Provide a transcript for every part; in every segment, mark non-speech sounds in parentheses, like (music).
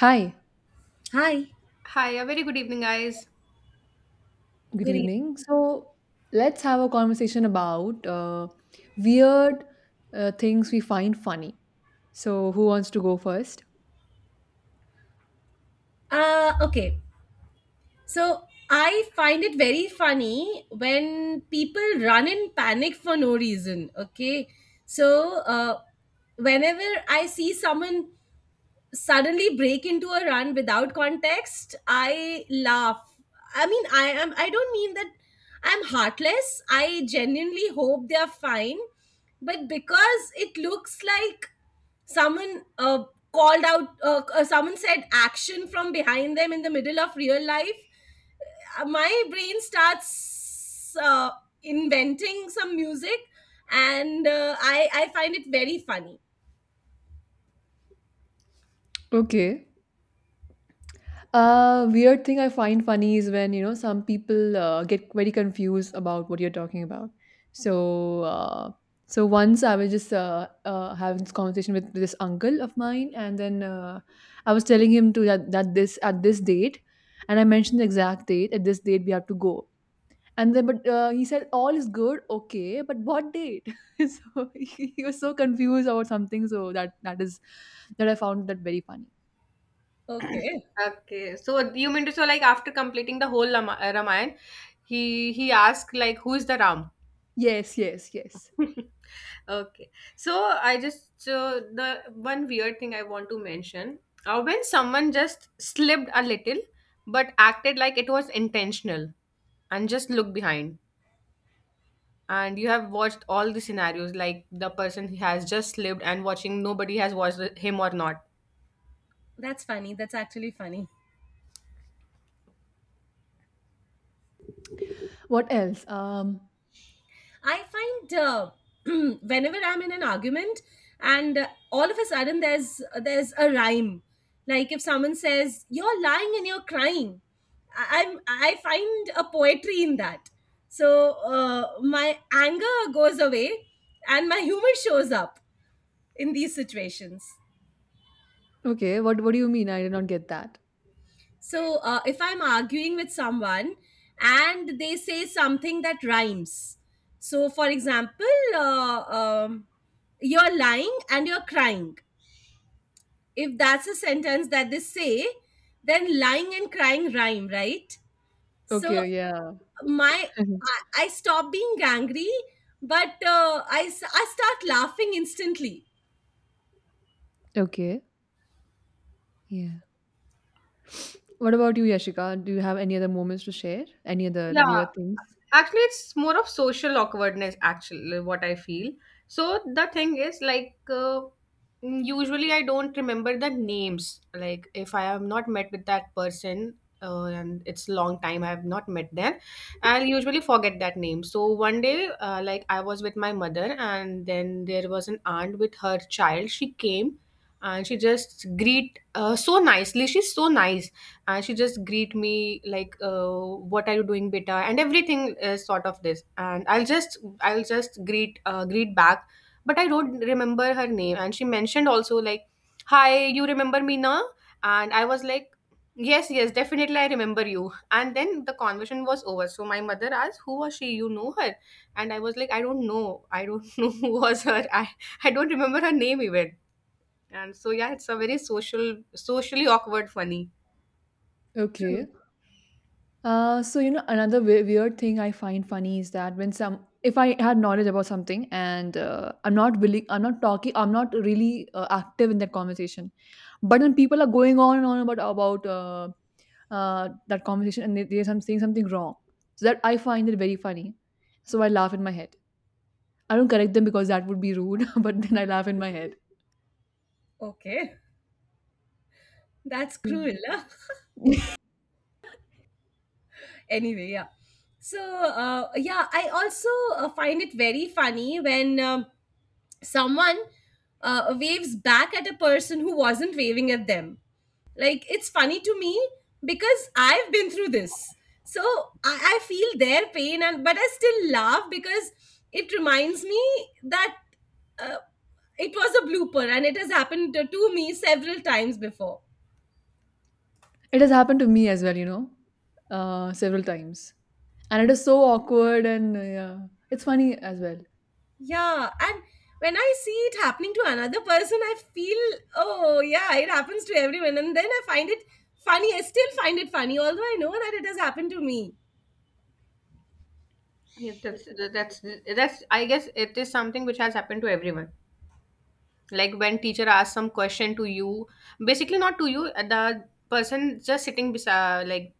Hi, Hi, Hi, a very good evening, guys. good good evening. evening. So let's have a conversation about weird things we find funny. So who wants to go first? Uh, okay. So I find it very funny when people run in panic for no reason. Okay. So whenever I see someone suddenly break into a run without context, I laugh. I mean, I don't mean that I'm heartless. I genuinely hope they are fine, but because it looks like someone called out someone said action from behind them in the middle of real life. My brain starts inventing some music, and I find it very funny. Okay. Weird thing I find funny is when you know some people get very confused about what you're talking about. So uh, so once I was just having this conversation with this uncle of mine, and then I was telling him that this at this date, and I mentioned the exact date. At this date, we have to go. And then, but he said, all is good, okay, but what date? (laughs) So he was so confused about something. So that is that I found that very funny. (clears throat) Okay, Okay, so you mean to say, like, after completing the whole Ramayana, he asked, like, who is the Ram? Yes, yes, yes. (laughs) Okay, so I just the one weird thing I want to mention, when someone just slipped a little but acted like it was intentional and just look behind, and you have watched all the scenarios, like the person he has just slipped and watching nobody has watched him or not. that's funny. That's actually funny. What else? I find (clears throat) whenever I'm in an argument, and all of a sudden there's a rhyme. Like if someone says you're lying and you're crying, I find a poetry in that. So my anger goes away, and my humor shows up in these situations. Okay, what do you mean? I did not get that. So if I'm arguing with someone and they say something that rhymes, so for example, uh, um, you're lying and you're crying. If that's a sentence that they say, then lying and crying rhyme, right? So Okay, yeah. my (laughs) I, stop being angry, but I start laughing instantly. Okay, yeah. What about you, Yashika? Do you have any other moments to share? Any other Yeah, weird things? actually, it's more of social awkwardness, actually, what I feel. So the thing is, like, usually I don't remember the names. Like if I have not met with that person and it's long time I have not met them, I'll usually forget that name. So one day, like, I was with my mother, and then there was an aunt with her child, she came, and she just greet, so nicely, she's so nice. And she just greet me like, what are you doing, beta, and everything is sort of this. And I'll just greet back, but I don't remember her name. And she mentioned also, like, hi, you remember me, na? And I was like, yes, yes, definitely I remember you. And then the conversation was over, so my mother asked, who was she, you know her? And I was like, I don't (laughs) know who was her. I don't remember her name even. And so yeah, it's a very socially awkward, funny. Okay. True. So you know another weird thing I find funny is that when some if I had knowledge about something and I'm not willing, I'm not talking, I'm not really active in that conversation, but when people are going on and on about that conversation and they are saying something wrong. So that I find it very funny. So I laugh in my head. I don't correct them because that would be rude, (laughs) but then I laugh in my head. Okay, that's cruel. (laughs) Anyway, yeah. So yeah, I also find it very funny when someone waves back at a person who wasn't waving at them. Like, it's funny to me because I've been through this. So I feel their pain, and but I still laugh because it reminds me that uh, it was a blooper and it has happened to me several times before. It has happened to me as well, you know, several times. And it is so awkward and yeah, it's funny as well. Yeah, and when I see it happening to another person, I feel, oh, yeah, it happens to everyone. And then I find it funny. I still find it funny, although I know that it has happened to me. Yeah, that's that's I guess it is something which has happened to everyone. Like when teacher asks some question to you, basically not to you, the person just sitting beside, like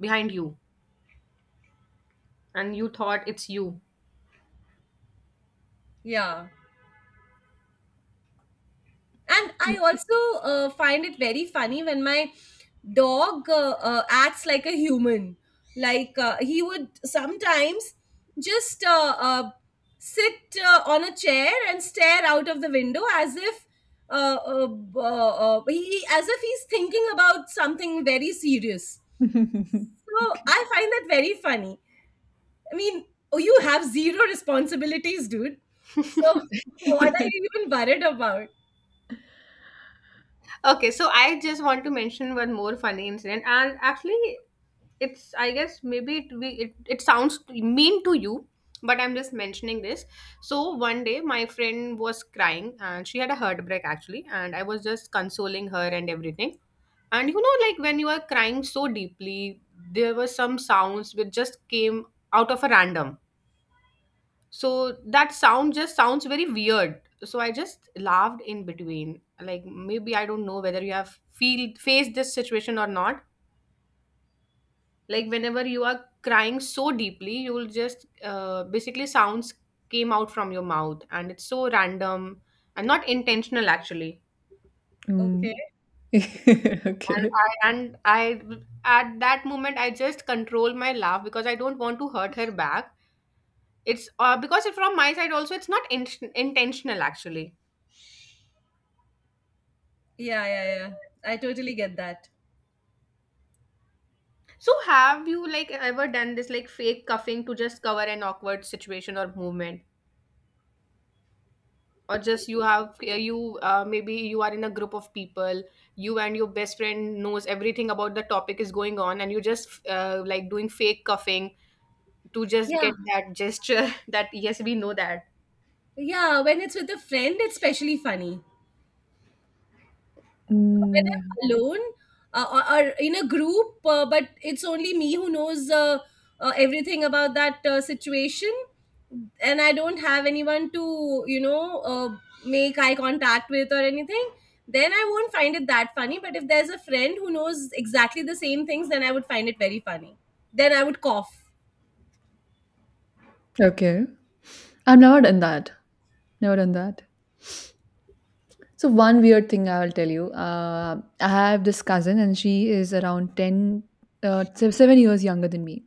behind you, and you thought it's you. Yeah. And I also find it very funny when my dog acts like a human. Like, he would sometimes just sit on a chair and stare out of the window as if b- he as if he's thinking about something very serious. (laughs) So I find that very funny. I mean, oh, you have zero responsibilities, dude. So (laughs) (laughs) what are you even worried about? Okay, so I just want to mention one more funny incident, and actually, it's I guess maybe it sounds mean to you, but I'm just mentioning this. So one day, my friend was crying, and she had a heartbreak actually, and I was just consoling her and everything. And like when you are crying so deeply, there were some sounds which just came out of a random. So that sound just sounds very weird. So I just laughed in between. Like maybe I don't know whether you have feel faced this situation or not. Like whenever you are crying so deeply, you will just, basically, sounds came out from your mouth, and it's so random and not intentional actually. Mm. Okay. (laughs) Okay. And I at that moment I just control my laugh because I don't want to hurt her back. It's because it, from my side also, it's not intentional actually. Yeah, yeah, yeah, I totally get that. So have you, like, ever done this, like, fake cuffing to just cover an awkward situation or movement? Or just you have you maybe you are in a group of people, you and your best friend knows everything about the topic is going on, and you just, like, doing fake cuffing to just Yeah, get that gesture (laughs) that yes, we know that. yeah. When it's with a friend, it's especially funny. When Mm, I'm alone or in a group, but it's only me who knows everything about that situation, and I don't have anyone to, you know, make eye contact with or anything, then I won't find it that funny. But if there's a friend who knows exactly the same things, then I would find it very funny. Then I would cough. yeah. Okay. I've never done that. Never done that. So one weird thing I will tell you. I have this cousin, and she is around ten, 7 years younger than me.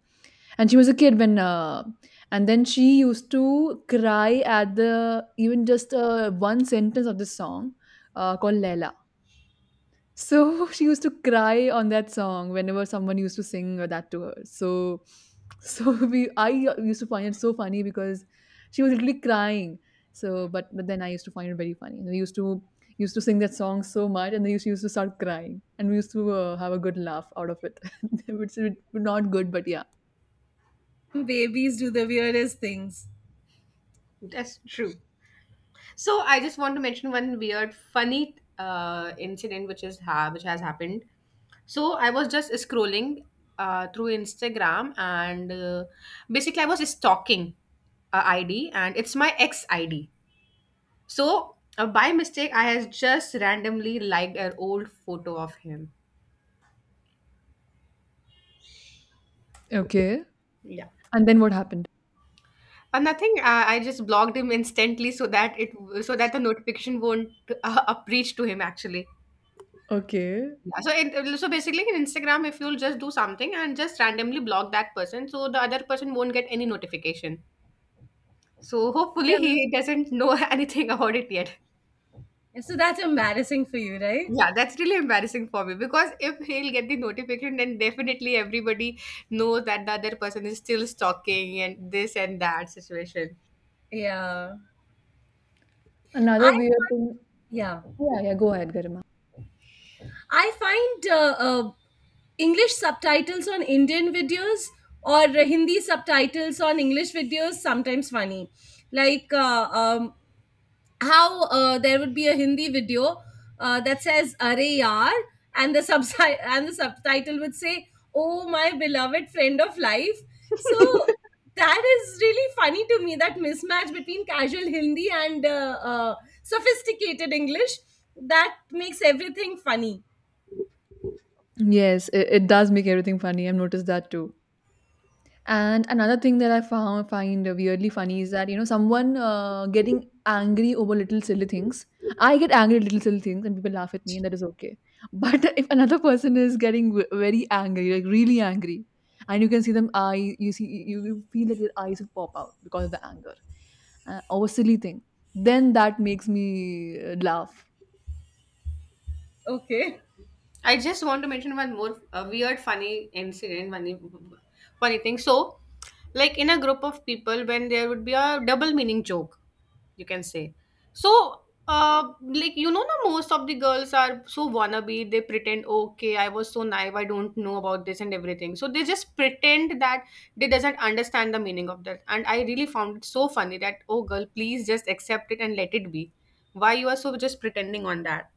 And she was a kid when, and then she used to cry at the even just one sentence of this song called Laila. So (laughs) she used to cry on that song whenever someone used to sing that to her. So (laughs) we I used to find it so funny because she was literally crying. So, but then I used to find it very funny. And we used to used to sing that song so much, and then she used to start crying, and we used to have a good laugh out of it, (laughs) which is not good, but yeah. (laughs) Babies do the weirdest things. That's true. So I just want to mention one weird, funny incident which is which has happened. So I was just scrolling, through Instagram, and basically I was stalking a ID, and it's my ex ID. So by mistake I has just randomly liked an old photo of him. Okay. Yeah. And then what happened? Nothing. I just blocked him instantly, so that it, so that the notification won't (laughs) up reach to him actually. Okay. Yeah, so basically in Instagram, if you'll just do something and just randomly block that person, so the other person won't get any notification. So hopefully he doesn't know (laughs) anything about it yet. Yeah. So that's embarrassing for you, right? Yeah, that's really embarrassing for me, because if he'll get the notification, then definitely everybody knows that the other person is still stalking and this and that situation. Yeah. I Another weird thing. yeah. Yeah, yeah. Go ahead, Garima. I find English subtitles on Indian videos or Hindi subtitles on English videos sometimes funny. Like how there would be a Hindi video that says "Arey Yaar" and (laughs) and the subtitle would say "Oh my beloved friend of life." So that is really funny to me, that mismatch between casual Hindi and sophisticated English, that makes everything funny. Yes, it does make everything funny. I've noticed that too. And another thing that I found find weirdly funny is that you know someone getting angry over little silly things. I get angry at little silly things, and people laugh at me, and that is okay. But (laughs) if another person is getting very angry, like really angry, and you can see them eye, you feel that their eyes will pop out because of the anger over silly thing, then that makes me laugh. Okay. I just want to mention one more weird, funny incident, funny thing. So, like in a group of people, when there would be a double meaning joke, you can say. So, uh like, now most of the girls are so wannabe, they pretend, okay, I was so naive, I don't know about this, and everything. So they just pretend that they doesn't understand the meaning of that, and I really found it so funny that, oh girl, please just accept it and let it be. Why you are so just pretending on that?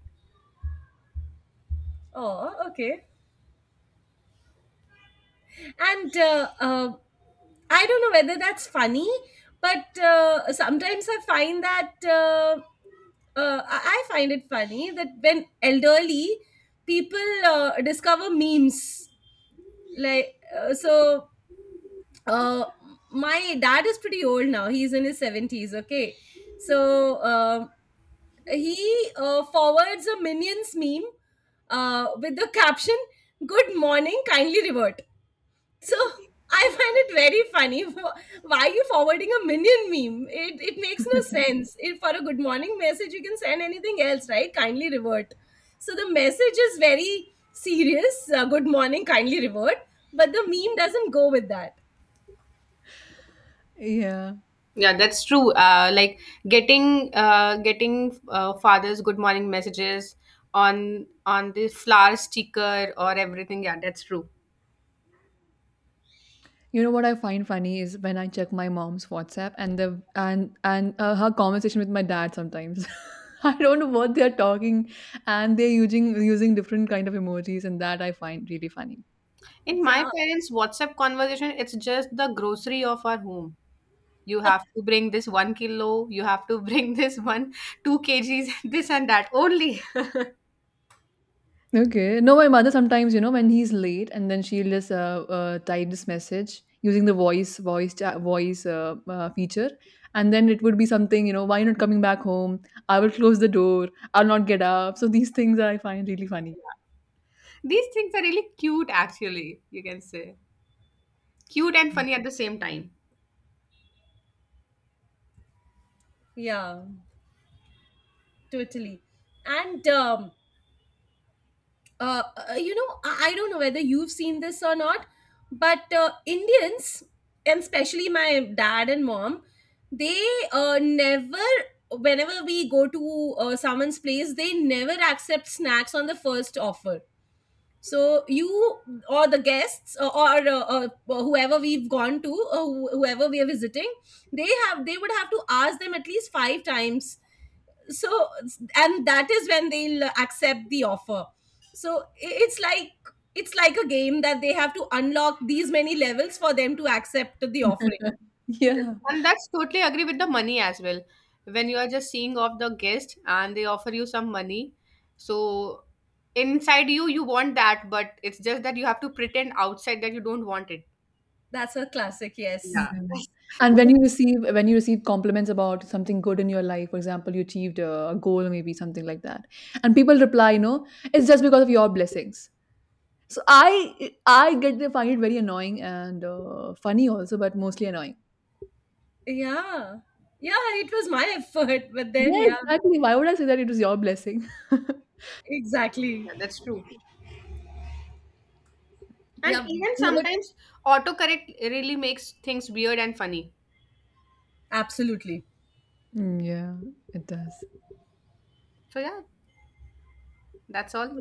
Oh, okay. And I don't know whether that's funny, but sometimes I find that I find it funny that when elderly people discover memes, like uh, so. Uh, my dad is pretty old now; he's in his seventies. Okay, so he forwards a Minions meme with the caption "Good morning, kindly revert." So I find it very funny. (laughs) Why are you forwarding a Minion meme? It makes no sense. If for a good morning message, you can send anything else, right? Kindly revert. So the message is very serious. Good morning, kindly revert. But the meme doesn't go with that. Yeah. Yeah, that's true. Like getting, father's good morning messages on the flower sticker or everything. Yeah, that's true. You know what I find funny is when I check my mom's WhatsApp and the and her conversation with my dad sometimes. (laughs) I don't know what they're talking and they're using different kind of emojis and that I find really funny. In my Yeah, parents' WhatsApp conversation, it's just the grocery of our home. You have to bring this 1 kilo, you have to (laughs) bring this one, 2 kgs, (laughs) this and that only. Okay. No, my mother sometimes, you know, when he's late and then she'll just type this message using the voice feature and then it would be something, you know, why not coming back home? I will close the door. I'll not get up. So these things I find really funny. (laughs) These things are really cute, actually, you can say. Cute and funny at the same time. yeah, totally. And uh, you know, I don't know whether you've seen this or not, but Indians, and especially my dad and mom, they never, whenever we go to someone's place, they never accept snacks on the first offer. So you or the guests, or whoever we've gone to, or whoever we are visiting, they would have to ask them at least five times. So, and that is when they'll accept the offer. So, it's like, it's like a game that they have to unlock these many levels for them to accept the offering. (laughs) That- Yeah. And that's totally agree with the money as well. When you are just seeing off the guest and they offer you some money, so inside you, you want that, but it's just that you have to pretend outside that you don't want it. That's a classic, yes. Yeah, (laughs) Yeah. that's, And when you receive compliments about something good in your life, for example, you achieved a goal, maybe something like that, and people reply, "No, it's just because of your blessings." So I get they find it very annoying and funny also, but mostly annoying. Yeah, yeah, it was my effort, but then Yeah, yeah. exactly. Why would I say that it was your blessing? (laughs) Exactly. yeah, that's true. And Yeah. even No, but sometimes autocorrect really makes things weird and funny. absolutely. Mm, yeah, it does. So yeah, that's all.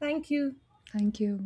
Thank you. Thank you.